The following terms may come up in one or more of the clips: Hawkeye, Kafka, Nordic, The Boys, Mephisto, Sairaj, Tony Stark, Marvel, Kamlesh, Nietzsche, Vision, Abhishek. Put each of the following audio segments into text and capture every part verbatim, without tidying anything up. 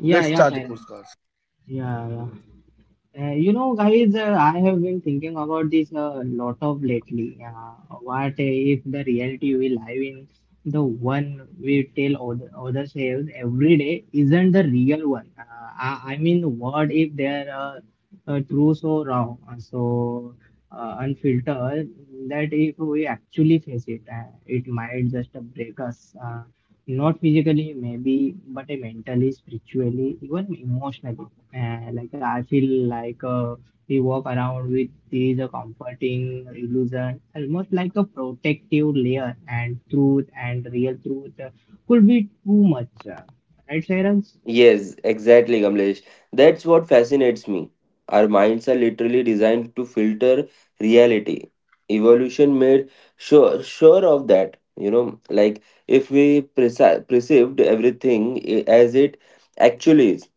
Let's yeah, start the Sairaj. podcast. Yeah, yeah. Uh, you know, guys, uh, I have been thinking about this a lot of lately. Uh, what if the reality we live in, the one we tell other, ourselves every day, isn't the real one? Uh, I, I mean, what if there are uh, true so wrong, uh, so uh, unfiltered, that if we actually face it, uh, it might just break us. uh, not physically, maybe, but uh, mentally, spiritually, even emotionally. Uh, like I feel like uh, we walk around with these uh, comforting illusion, almost like a protective layer, and truth and real truth uh, could be too much. Uh, right, Shairans? Yes, exactly, Kamlesh. That's what fascinates me. Our minds are literally designed to filter reality. Evolution made sure sure of that. You know, like if we perci- perceived everything i- as it actually is,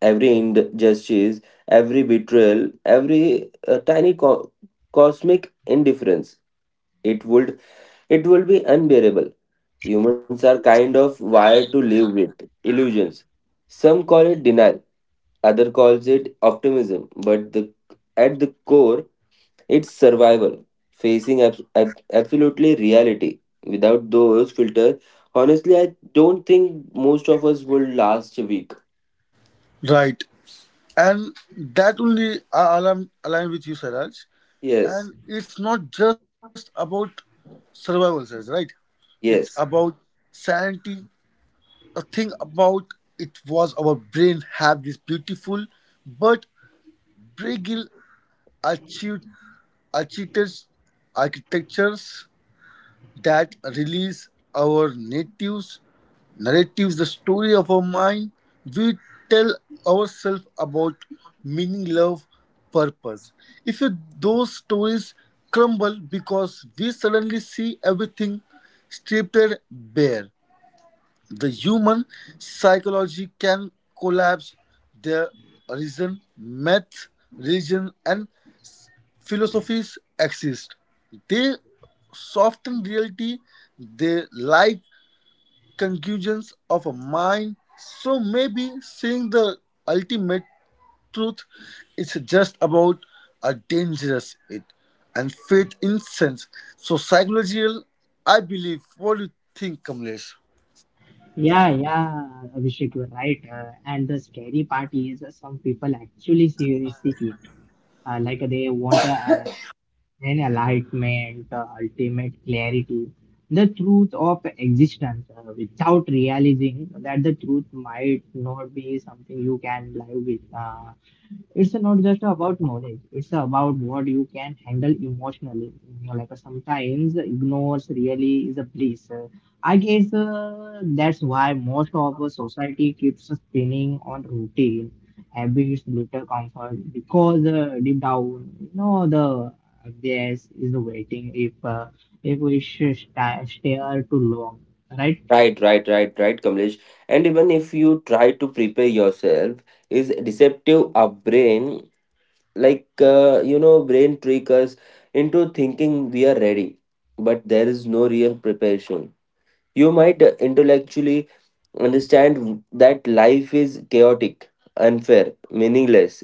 every injustice, every betrayal, every uh, tiny co- cosmic indifference. It would it will be unbearable. Humans are kind of wired to live with illusions. Some call it denial, other calls it optimism, but the at the core, it's survival, facing abs- ab- absolutely reality. Without those filters, honestly, I don't think most of us will last a week. Right. And that only I align, align with you, Sairaj. Yes, And it's not just about survival, Sairaj, right? It's yes. about sanity. The thing about it was our brain had this beautiful but fragile achieved architects- architectures that release our natives narratives, the story of our mind, we tell ourselves about meaning, love, purpose. If you, those stories crumble because we suddenly see everything stripped bare, the human psychology can collapse their reason, math, religion, and philosophies exist. They soften reality, they like conclusions of a mind. So maybe seeing the ultimate truth is just about a dangerous it and faith in sense. So psychological, I believe. What do you think, Kamlesh? Yeah, yeah, Abhishek, you're right. Uh, and the scary part is uh, some people actually seriously it. Uh, like they want a and enlightenment, uh, ultimate clarity, the truth of existence uh, without realizing that the truth might not be something you can live with. Uh, it's not just about knowledge, it's about what you can handle emotionally, you know, like uh, sometimes ignorance really is a bliss. Uh, i guess uh, that's why most of our society keeps spinning on routine habits little comfort because uh, deep down you know the gas is waiting if uh, if we should sta- stare too long, right. Right, right, right, right, Kamlesh. And even if you try to prepare yourself, is deceptive our brain, like uh, you know, brain trick us into thinking we are ready, but there is no real preparation. You might uh, intellectually understand that life is chaotic, unfair, meaningless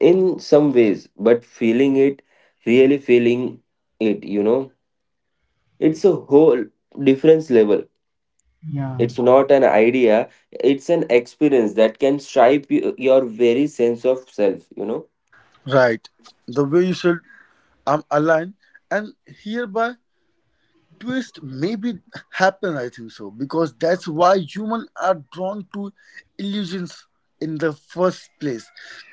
in some ways, but feeling it, really feeling it, you know, it's a whole difference level. Yeah. It's not an idea, it's an experience that can stripe y- your very sense of self, you know? Right. The way you should um, align and hereby twist maybe happen, I think so, because that's why humans are drawn to illusions in the first place.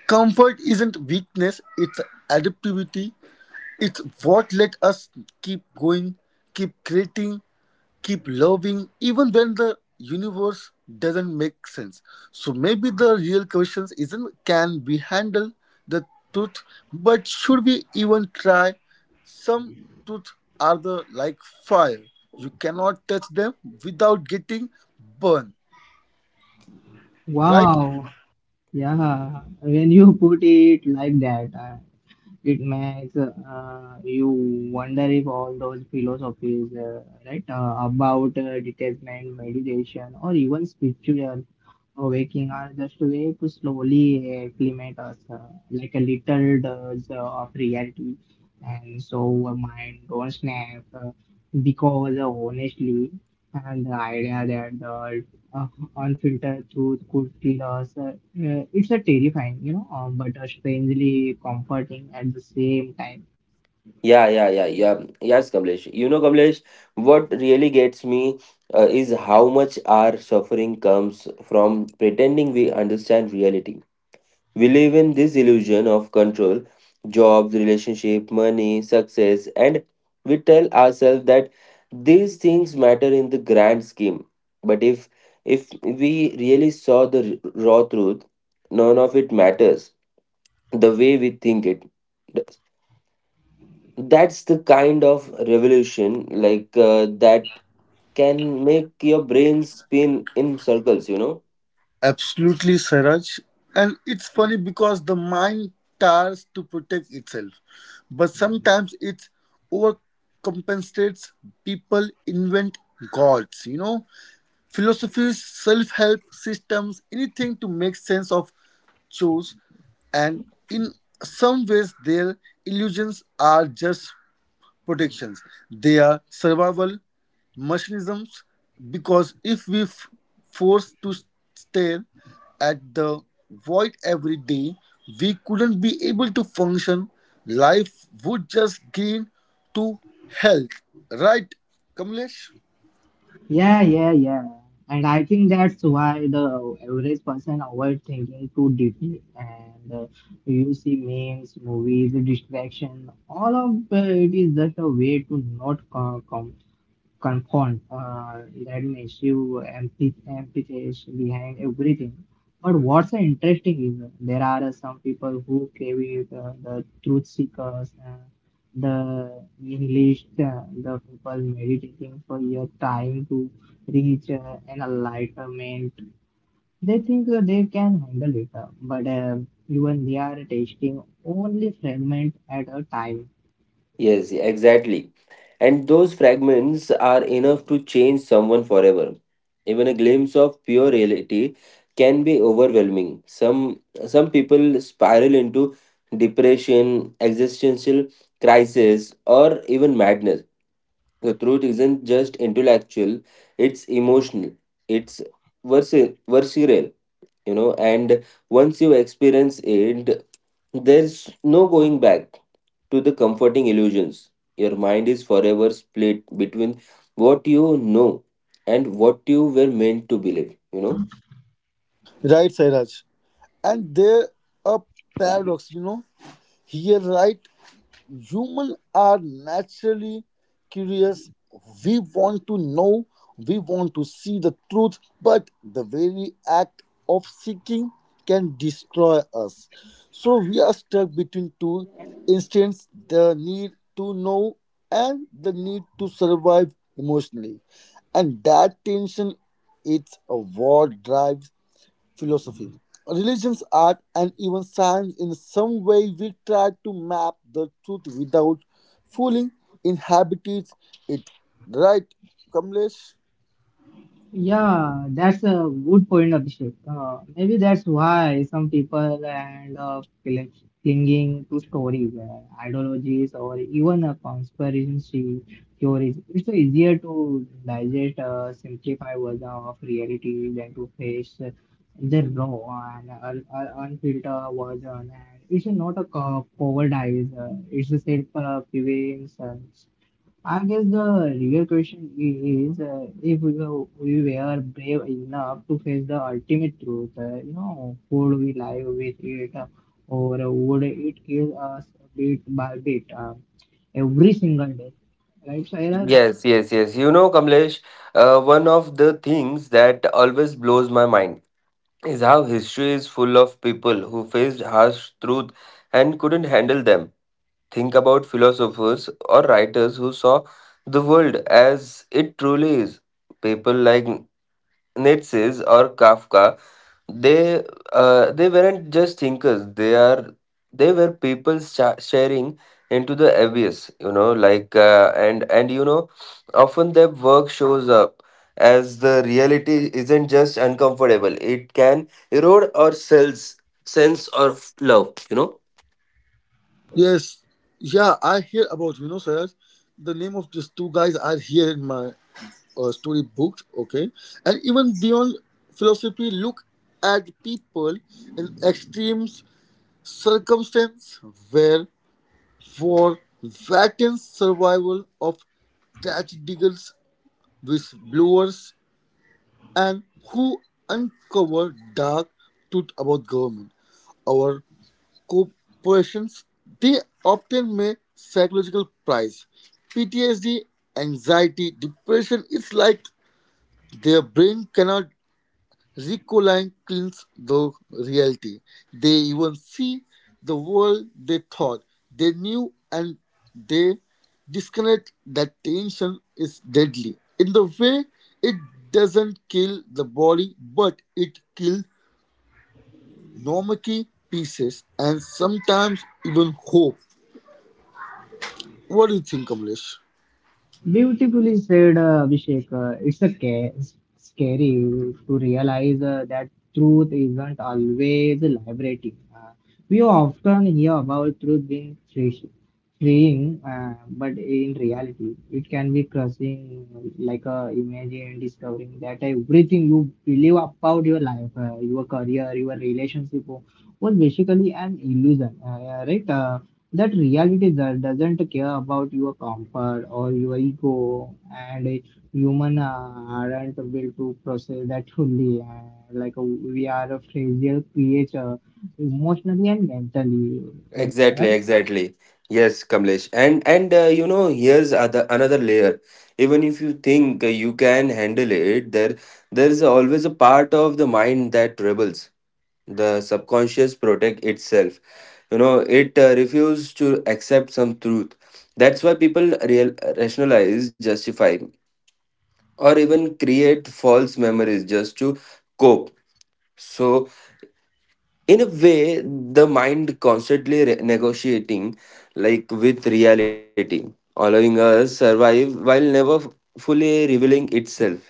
Comfort isn't weakness, it's adaptivity. It's what let us keep going, keep creating, keep loving, even when the universe doesn't make sense. So maybe the real question isn't can we handle the truth, but should we even try? Some truth are the like fire. You cannot touch them without getting burned. Right? Wow. Yeah, when you put it like that, uh, It makes uh, you wonder if all those philosophies, uh, right, uh, about uh, detachment, meditation, or even spiritual awakening are just a way to slowly acclimate us, uh, like a little dose of reality. And so our mind don't snap uh, because uh, honestly, and the idea that the uh, unfiltered through could kill us. Uh, uh, it's a terrifying, you know, um, but a strangely comforting at the same time. Yeah, yeah, yeah, yeah. Yes, Kamlesh. You know, Kamlesh, what really gets me uh, is how much our suffering comes from pretending we understand reality. We live in this illusion of control, jobs, relationship, money, success, and we tell ourselves that these things matter in the grand scheme. But if if we really saw the r- raw truth, none of it matters the way we think it does. That's the kind of revolution like uh, that can make your brain spin in circles, you know? Absolutely, Saraj. And it's funny because the mind tries to protect itself, but sometimes it overcompensates. People invent gods, you know, philosophies, self help systems, anything to make sense of chores. And in some ways, their illusions are just protections. They are survival mechanisms because if we f- forced to stare at the void every day, we couldn't be able to function. Life would just gain to health. Right, Kamlesh? Yeah, yeah, yeah. And I think that's why the average person avoids thinking too deeply. And uh, you see memes, movies, distraction, all of uh, it is just a way to not come confront. Uh, that massive empty, emptiness behind everything. But what's interesting is there are uh, some people who crave it, uh, the truth seekers, uh, the nihilists, uh, the people meditating for years trying to reach uh, an enlightenment. They think uh, they can handle it, uh, but uh, even they are tasting only fragment at a time. Yes, exactly. And those fragments are enough to change someone forever. Even a glimpse of pure reality can be overwhelming. Some, some people spiral into depression, existential crisis, or even madness. The truth isn't just intellectual, it's emotional, it's vers- visceral, you know, and once you experience it, there's no going back to the comforting illusions. Your mind is forever split between what you know and what you were meant to believe, you know. Right, Sairaj. And there a paradox, you know. Here, right. Humans are naturally curious. We want to know, we want to see the truth, but the very act of seeking can destroy us. So we are stuck between two instincts, the need to know and the need to survive emotionally. And that tension, it's a war drive philosophy, religions, art, and even science. In some way, we try to map the truth without fooling inhabitants. It right, Kamlesh? Yeah, that's a good point, Abhishek. Uh, maybe that's why some people end up cling- clinging to stories, uh, ideologies, or even a conspiracy theories. It's easier to digest a simplified version of reality than to face the raw and un- un- unfiltered version. And it's not a co- cowardice, uh, it's a self-prevention. I guess the real question is uh, if we were, we were brave enough to face the ultimate truth, uh, you know, would we live with it uh, or would it kill us bit by bit uh, every single day? Right, Sairaj? Yes, yes, yes. You know, Kamlesh, uh, one of the things that always blows my mind is how history is full of people who faced harsh truth and couldn't handle them. Think about philosophers or writers who saw the world as it truly is. People like Nietzsche or Kafka, they uh, they weren't just thinkers. They are they were people sha- sharing into the abyss. You know, like uh, and and you know, often their work shows up as the reality isn't just uncomfortable. It can erode our selves, sense of love. You know. Yes, yeah, I hear about you know, Sairaj. The name of these two guys are here in my uh, story books, okay, and even beyond philosophy, look at people in extreme circumstance where for Vatan's survival of touch diggers, whistleblowers, and who uncover dark truth about government, our corporations, they often may psychological price. P T S D, anxiety, depression, it's like their brain cannot reconciles the reality. They even see the world they thought they knew and they disconnect. That tension is deadly. In the way it doesn't kill the body but it kills normative pieces and sometimes even hope. What do you think, Kamlesh? Beautifully said, uh, Abhishek. Uh, it's a ca- scary to realize uh, that truth isn't always liberating. Uh, we often hear about truth being free- freeing, uh, but in reality, it can be crushing. Like uh, imagine discovering that everything you believe about your life, uh, your career, your relationship, was basically an illusion, uh, yeah, right? Uh, that reality that doesn't care about your comfort or your ego, and a human uh, aren't built to process that fully, and like uh, we are a fragile creature emotionally and mentally, Exactly, right. exactly. Yes, Kamlesh. And and uh, you know, here's other another layer. Even if you think uh, you can handle it, there there is always a part of the mind that rebels. The subconscious protect itself. You know, it uh, refuses to accept some truth. That's why people real rationalize, justify, or even create false memories just to cope. So in a way, the mind constantly re- negotiating like with reality, allowing us survive while never f- fully revealing itself,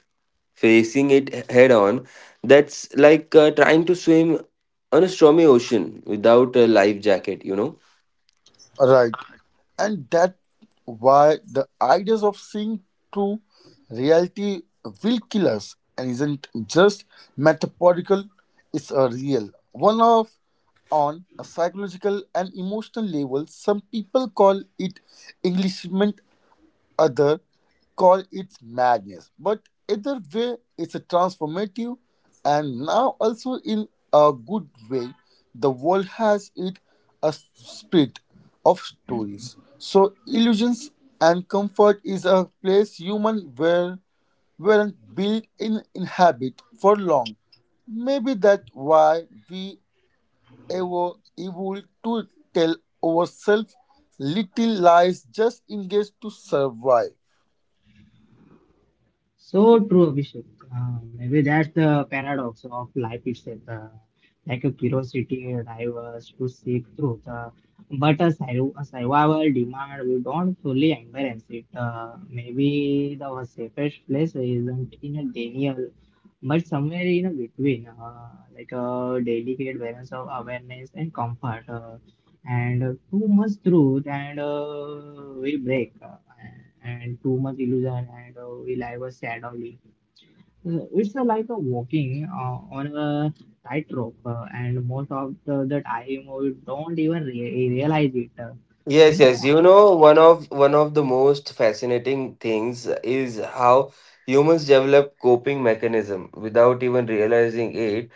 facing it h- head on. That's like uh, trying to swim on a stormy ocean without a life jacket, you know. Right. And that why the ideas of seeing true reality will kill us and isn't just metaphorical, it's a real. One of on a psychological and emotional level, some people call it Englishment. Others call it madness, but either way, it's a transformative, and now also in a good way, the world has it a spirit of stories. So illusions and comfort is a place human were weren't built in inhabit for long. Maybe that's why we ever able to tell ourselves little lies just in case to survive. So true, Abhishek. Uh, maybe that's the paradox of life itself. Uh, like a curiosity drives to seek truth, uh, but a, sur- a survival demand we don't fully embrace it. Uh, maybe the safest place isn't in a Daniel, but somewhere in a between, uh, like a delicate balance of awareness and comfort. Uh, and uh, too much truth and uh, we break, uh, and too much illusion and uh, we live a sad only. Uh, it's uh, like a walking uh, on a tightrope uh, and most of the, the time we don't even re- realize it, uh, you Yes, know. yes. You know, one of one of the most fascinating things is how humans develop coping mechanism without even realizing it.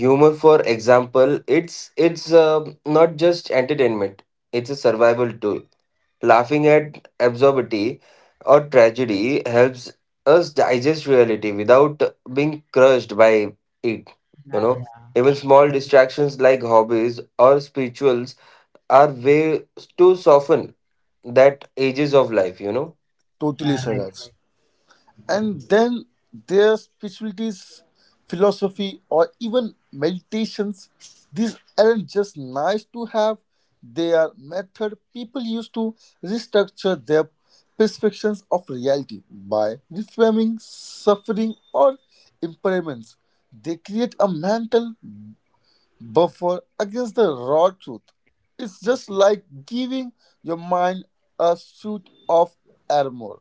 Humor, for example, it's it's uh, not just entertainment, it's a survival tool. Laughing at absurdity or tragedy helps us digest reality without being crushed by it. Yeah, You know, yeah. even small distractions like hobbies or spirituals are ways to soften that ages of life, you know. Totally, Yeah, right, right. Saraj. And then their spiritualities, philosophy, or even meditations. These aren't just nice to have, they are method people use to restructure their perceptions of reality by reframing suffering or impairments. They create a mental buffer against the raw truth. It's just like giving your mind a suit of armor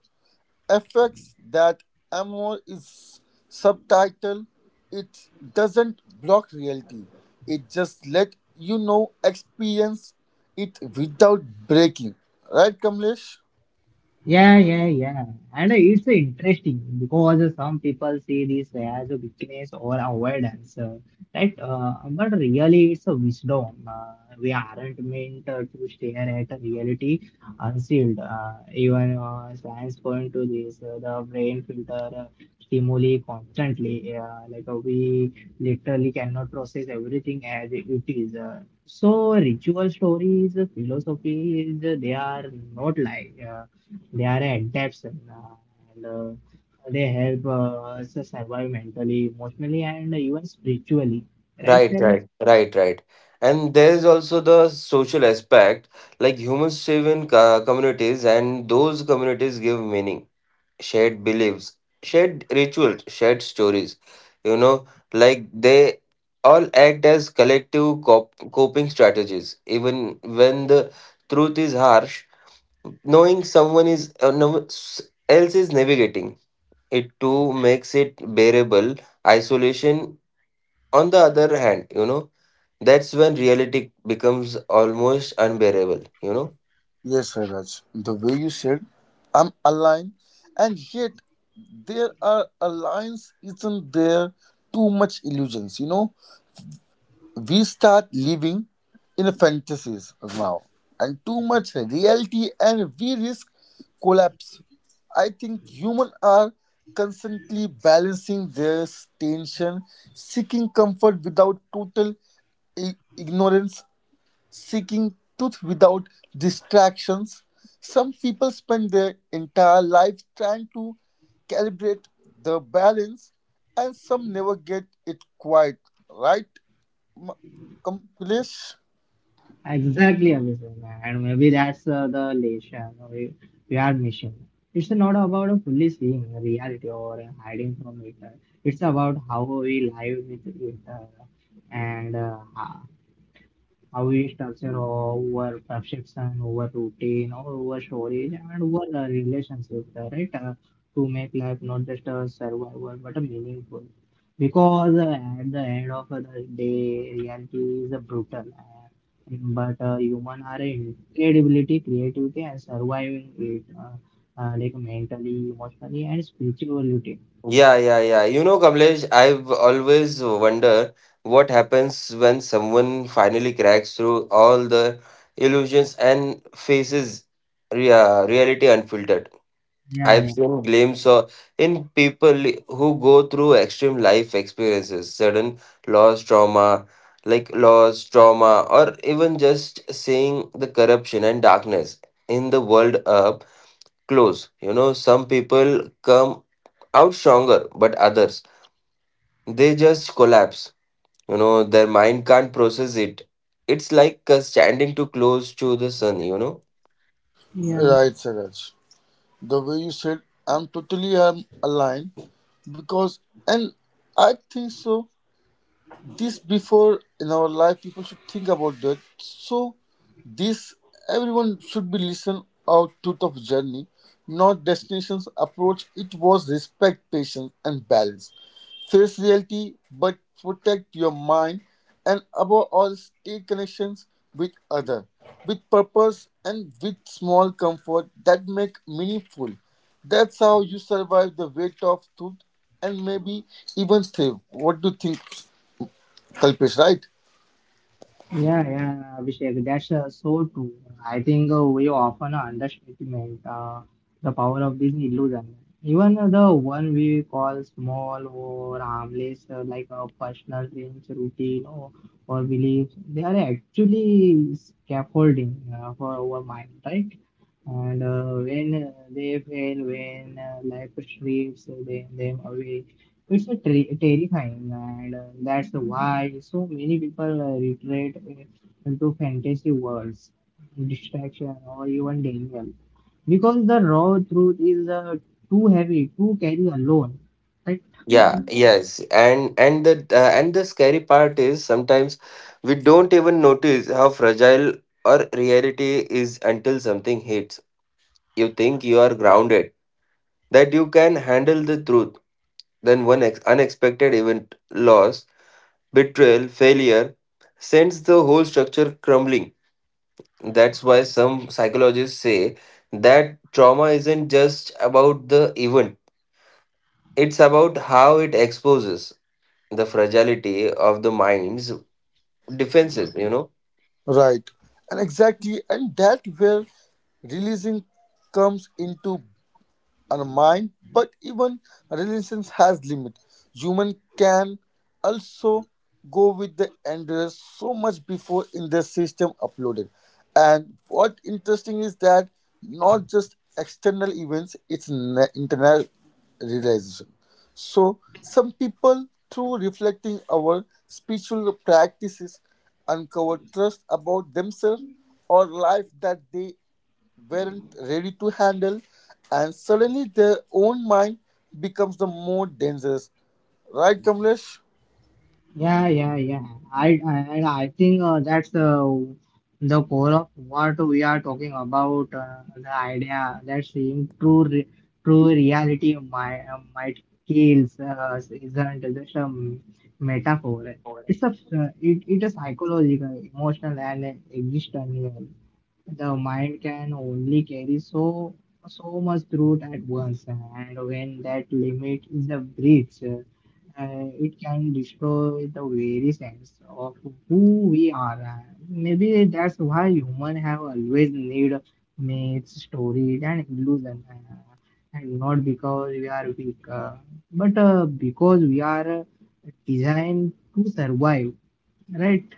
affects that ammo is subtitle. It doesn't block reality, it just let you know experience it without breaking. Right, Kamlesh? Yeah, yeah, yeah. And it's interesting because some people see this as a weakness or avoidance, uh, right? Uh, But really, it's a wisdom. Uh, we aren't meant uh, to stare at a reality unsealed. Uh, even uh, science point to this, uh, the brain filter uh, stimuli constantly. Uh, like uh, we literally cannot process everything as it is. Uh, so ritual stories, philosophies, they are not lie. Uh, they are adapts uh, and uh, they help uh, us survive mentally, emotionally, and even spiritually. Right, Right, Sarah? right, right, right. And there is also the social aspect, like humans live in co- communities, and those communities give meaning, shared beliefs, shared rituals, shared stories. You know, like they all act as collective cop coping strategies, even when the truth is harsh. Knowing someone is uh, no, s- else is navigating it too makes it bearable. Isolation, on the other hand, you know. That's when reality becomes almost unbearable, you know? Yes, Raj, the way you said, I'm aligned, and yet there are alliance, isn't there? Too much illusions, you know, we start living in fantasies now, and too much reality and we risk collapse. I think humans are constantly balancing this tension, seeking comfort without total i- ignorance, seeking truth without distractions. Some people spend their entire life trying to calibrate the balance, and some never get it quite right. M- Accomplice? Exactly, Abhishek. And maybe that's uh, the lesson we, we are missing. It's not about fully seeing reality or hiding from it. It's about how we live with it, uh, and uh, How we structure our perception, our routine, our storage, and our uh, relationship, uh, right? Uh, To make life not just a survival but a meaningful. Because uh, at the end of the day, reality is uh, brutal. uh, but uh, human are incredibility, creativity, and surviving it, uh, uh, like mentally, emotionally, and spirituality. Yeah, yeah, yeah. You know, Kamlesh, I've always wonder what happens when someone finally cracks through all the illusions and faces rea- reality unfiltered. Yeah, I've yeah. seen glimpses of in people who go through extreme life experiences, sudden loss, trauma, like loss, trauma, or even just seeing the corruption and darkness in the world up close. You know, some people come out stronger, but others, they just collapse. You know, their mind can't process it. It's like uh, standing too close to the sun, you know. Yeah. Right, Saraj. The way you said, I'm totally um, aligned because, and I think so, this before in our life people should think about that. So this, everyone should be listen out truth of journey, not destinations, approach it was respect, patience and balance. Face reality but protect your mind, and above all stay connections with other, with purpose, and with small comfort that make meaningful. That's how you survive the weight of truth and maybe even thrive. What do you think, Kalpesh, right? Yeah, yeah, Abhishek, that's uh, so true. I think uh, we often underestimate uh, the power of this illusion. Even uh, the one we call small or harmless, uh, like a personal dreams, routine, or, or beliefs, they are actually scaffolding uh, for our mind, right? And uh, when uh, they fail, when uh, life strips them, them away, it's a ter- terrifying, and uh, that's why so many people uh, retreat i- into fantasy worlds, distraction, or even danger. Because the raw truth is uh, too heavy to carry alone. Yeah, yes. And and the uh, and the scary part is sometimes we don't even notice how fragile our reality is until something hits. You think you are grounded, that you can handle the truth. Then one ex- unexpected event, loss, betrayal, failure sends the whole structure crumbling. That's why some psychologists say that trauma isn't just about the event, it's about how it exposes the fragility of the mind's defenses, you know. Right. And exactly, and that where releasing comes into our mind. But even resilience has limit. Human can also go with the enders so much before in the system uploaded. And what interesting is that not just external events, it's na- internal realization. So some people through reflecting our spiritual practices uncover trust about themselves or life that they weren't ready to handle, and suddenly their own mind becomes the more dangerous. Right, Kamlesh? Yeah, yeah, yeah. I I, and I think uh, that's uh, the core of what we are talking about. Uh, the idea that seeing true re true reality might uh, might kills uh, isn't just a metaphor. It's a it it is psychological, emotional, and existential. The mind can only carry so so much truth at once, and when that limit is a breach, uh, it can destroy the very sense of who we are. Uh, maybe that's why humans have always need myths, stories and illusion, uh, and not because we are weak, uh, but uh, because we are uh, designed to survive, right.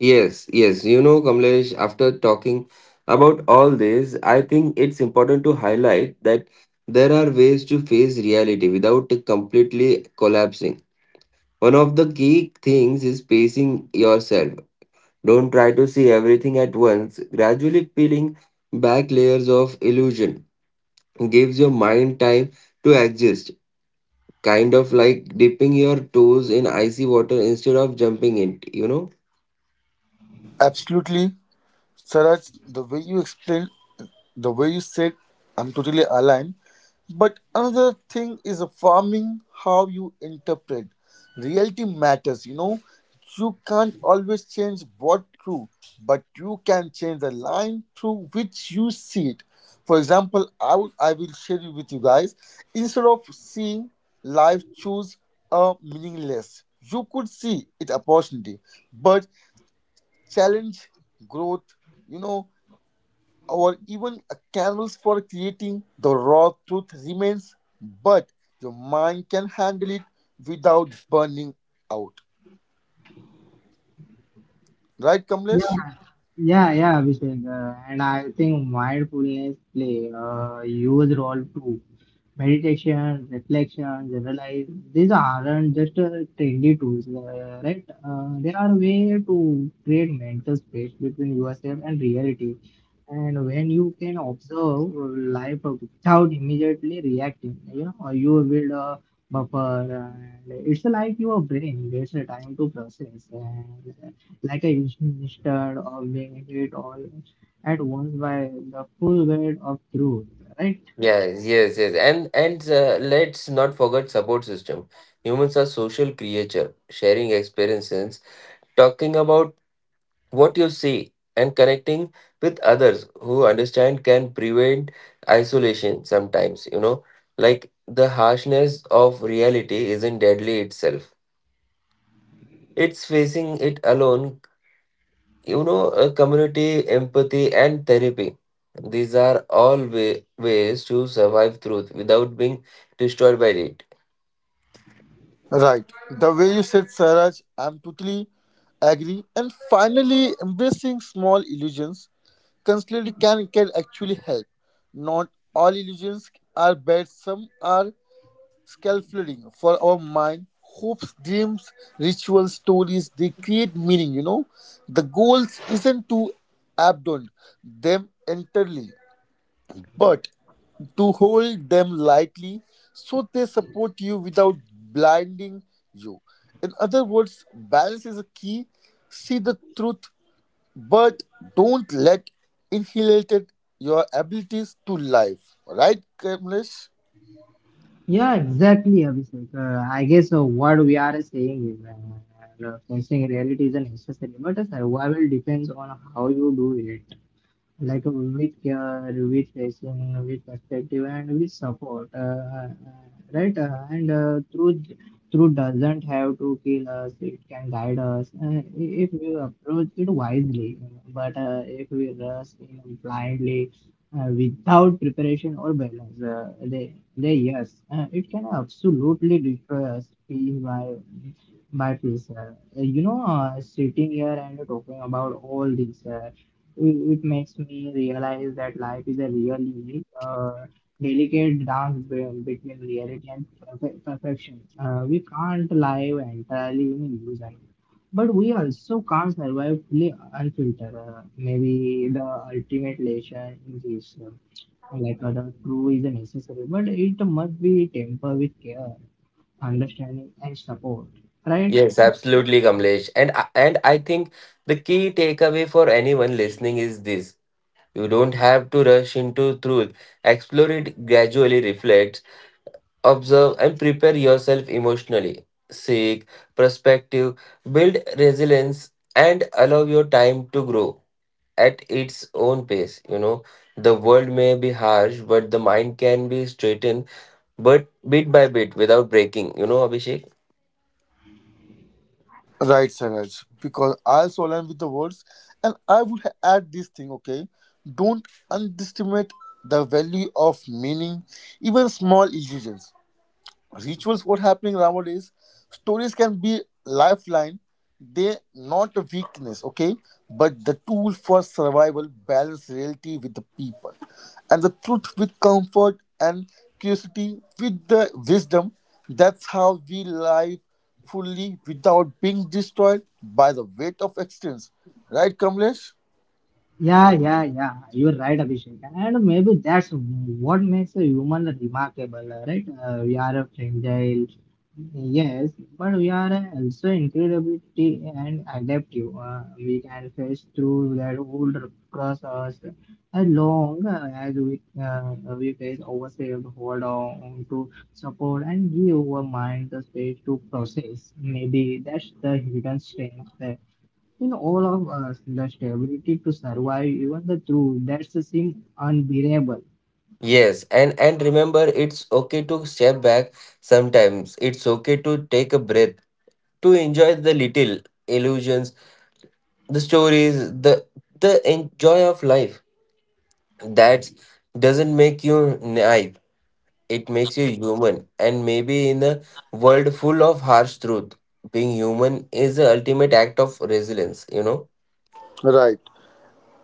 Yes, yes. You know, Kamlesh, after talking about all this, I think it's important to highlight that there are ways to face reality without completely collapsing. One of the key things is pacing yourself. Don't try to see everything at once. Gradually peeling back layers of illusion gives your mind time to exist. Kind of like dipping your toes in icy water instead of jumping in, you know? Absolutely. Saraj, the way you explained, the way you said, I'm totally aligned. But another thing is a farming, how you interpret. Reality matters, you know. You can't always change what true, but you can change the line through which you see it. For example, I would I will share it with you guys. Instead of seeing life choose a meaningless, you could see it opportunity, but challenge, growth, you know, or even a canvas for creating, the raw truth remains, but your mind can handle it without burning out. Right, Kamlesh? Yeah, yeah, Abhishek. Uh, and I think mindfulness play a huge role too. Meditation, reflection, generalize, these aren't just uh, trendy tools, uh, right? Uh, They are a way to create mental space between yourself and reality. And when you can observe life without immediately reacting, you know, uh, you will build a buffer. And it's like your brain gets a time to process. And like a instead of being hit all at once by the full weight of truth, right? Yes, yes, yes. And and uh, let's not forget support system. Humans are social creature, sharing experiences, talking about what you see and connecting with others who understand can prevent isolation sometimes, you know, like the harshness of reality isn't deadly itself, it's facing it alone, you know. A community, empathy, and therapy, these are all way, ways to survive truth without being destroyed by it. Right. The way you said, Saraj, I'm totally agree. And finally, embracing small illusions constantly can, can actually help. Not all illusions are bad, some are scaffolding for our mind, hopes, dreams, rituals, stories. They create meaning, you know. The goals isn't to abandon them entirely, but to hold them lightly so they support you without blinding you. In other words, balance is a key. See the truth, but don't let inhalated your abilities to life. Right, Kamlesh? Yeah, exactly, Abhishek. Uh, I guess uh, what we are saying is uh, uh, facing reality is a necessary, but the survival depends on how you do it. Like uh, with care, with patience, with perspective, and with support, uh, uh, right? Uh, and uh, truth, truth doesn't have to kill us; it can guide us uh, if we approach it wisely. But uh, if we rush in blindly, uh, without preparation or balance, uh, they, they yes, uh, it can absolutely destroy us piece by by piece. Uh, you know, uh, sitting here and talking about all this. Uh, it it makes me realize that life is a really uh, delicate dance be- between reality and perfe- perfection. Uh, we can't live entirely in illusion, but we also can't survive fully unfiltered. Uh, maybe the ultimate lesson is uh, like uh, the true is necessary, but it must be tempered with care, understanding, and support. Right? Yes, absolutely, Kamlesh. And I- and I think the key takeaway for anyone listening is this. You don't have to rush into truth. Explore it gradually, reflect, observe, and prepare yourself emotionally. Seek perspective, build resilience, and allow your time to grow at its own pace. You know, the world may be harsh, but the mind can be straightened, but bit by bit without breaking. You know, Abhishek? Right, Saraj, because I also align with the words, and I would ha- add this thing, okay? Don't underestimate the value of meaning, even small illusions, rituals, what happening nowadays, stories can be lifeline. They not a weakness, okay, but the tool for survival. Balance reality with the people and the truth with comfort and curiosity with the wisdom. That's how we live fully without being destroyed by the weight of existence. Right, Kamlesh? Yeah, yeah, yeah. You're right, Abhishek. And maybe that's what makes a human remarkable, right? Uh, we are a fragile, yes, but we are also incredibly and adaptive. Uh, we can face through that old cross us as long as we uh, we face ourselves, hold on to support and give our mind the space to process. Maybe that's the hidden strength in all of us, the stability to survive even the truth that's seems unbearable. Yes, and and remember, it's okay to step back sometimes. It's okay to take a breath, to enjoy the little illusions, the stories, the the enjoy of life. That doesn't make you naive, it makes you human. And maybe in a world full of harsh truth, being human is the ultimate act of resilience, you know. Right.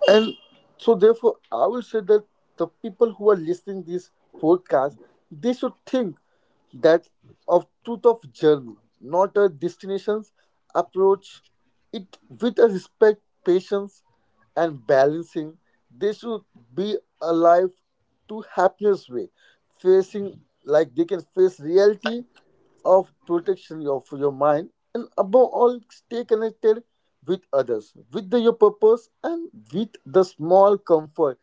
And so therefore I will say that the people who are listening this podcast, they should think that of truth of journey, not a destinations. Approach it with a respect, patience, and balancing. They should be alive to happiness way, facing, like they can face reality of protection of your mind, and above all stay connected with others, with the, your purpose, and with the small comfort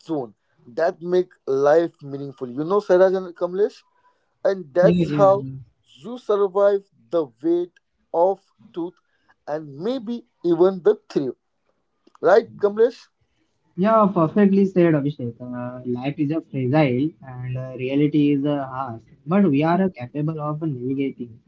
zone that make life meaningful, you know, Saraj and Kamlesh. And Yeah, that's yeah. how you survive the weight of truth and maybe even the thrill. Right, Kamlesh? Yeah, perfectly said, Abhishek. Uh, life is a fragile and uh, reality is a harsh, but we are uh, capable of navigating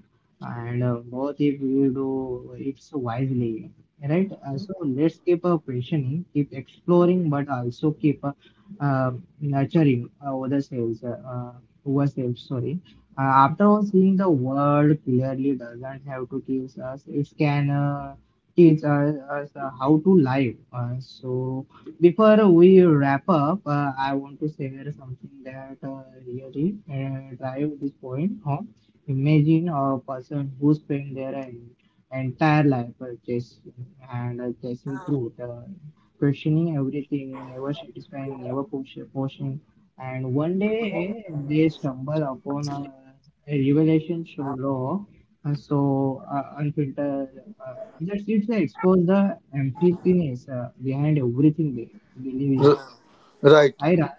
and uh, both if you do it so wisely, right? Right. Uh, so let's keep uh, questioning, keep exploring, but also keep uh, uh, nurturing uh, other selves, uh, uh, ourselves, sorry. Uh, after all, seeing the world clearly doesn't have to teach us, it can uh, teach us, us uh, how to live. Uh, so before Right. we wrap up, uh, I want to share something that uh, really uh, drive this point home. Imagine a person who spent their en- entire life uh, chasing and uh, chasing truth, uh, questioning everything, never satisfying, never push, pushing, and one day they stumble upon a, a revelation so raw, uh, so uh, unfiltered, uh, that's it. They expose the emptiness uh, behind everything they they in. R- So right. Saira,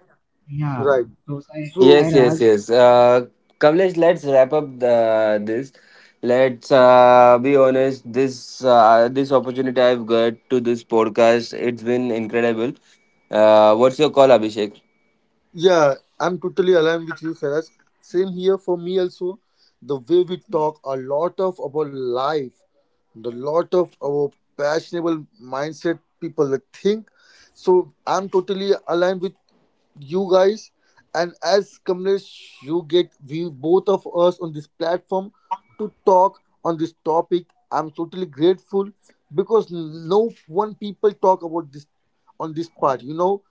yeah. Right. So Sai- So Yes, Saira, yes, yes. Uh, Kamlesh, let's wrap up uh, this. Let's uh, be honest. This uh, this opportunity I've got to this podcast, it's been incredible. Uh, what's your call, Abhishek? yeah, I'm totally aligned with you, Saraj. Same here for me also. The way we talk a lot of our life, the lot of our passionable mindset people that think. So I'm totally aligned with you guys. And as comrades, you get we both of us on this platform to talk on this topic. I'm totally grateful because no one people talk about this on this part. You know,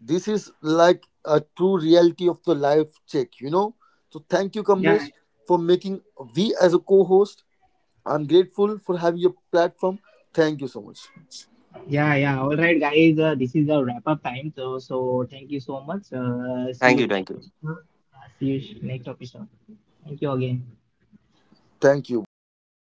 this is like a true reality of the life check, you know. So thank you, yeah, Kamlesh, for making we as a co-host. I'm grateful for having your platform. Thank you so much. yeah, yeah. All right, guys. Uh, this is the wrap up time. So so thank you so much. Uh, see Thank you you, next thank you. episode. Yeah, see you sh- next episode. Thank you again. Thank you both guys.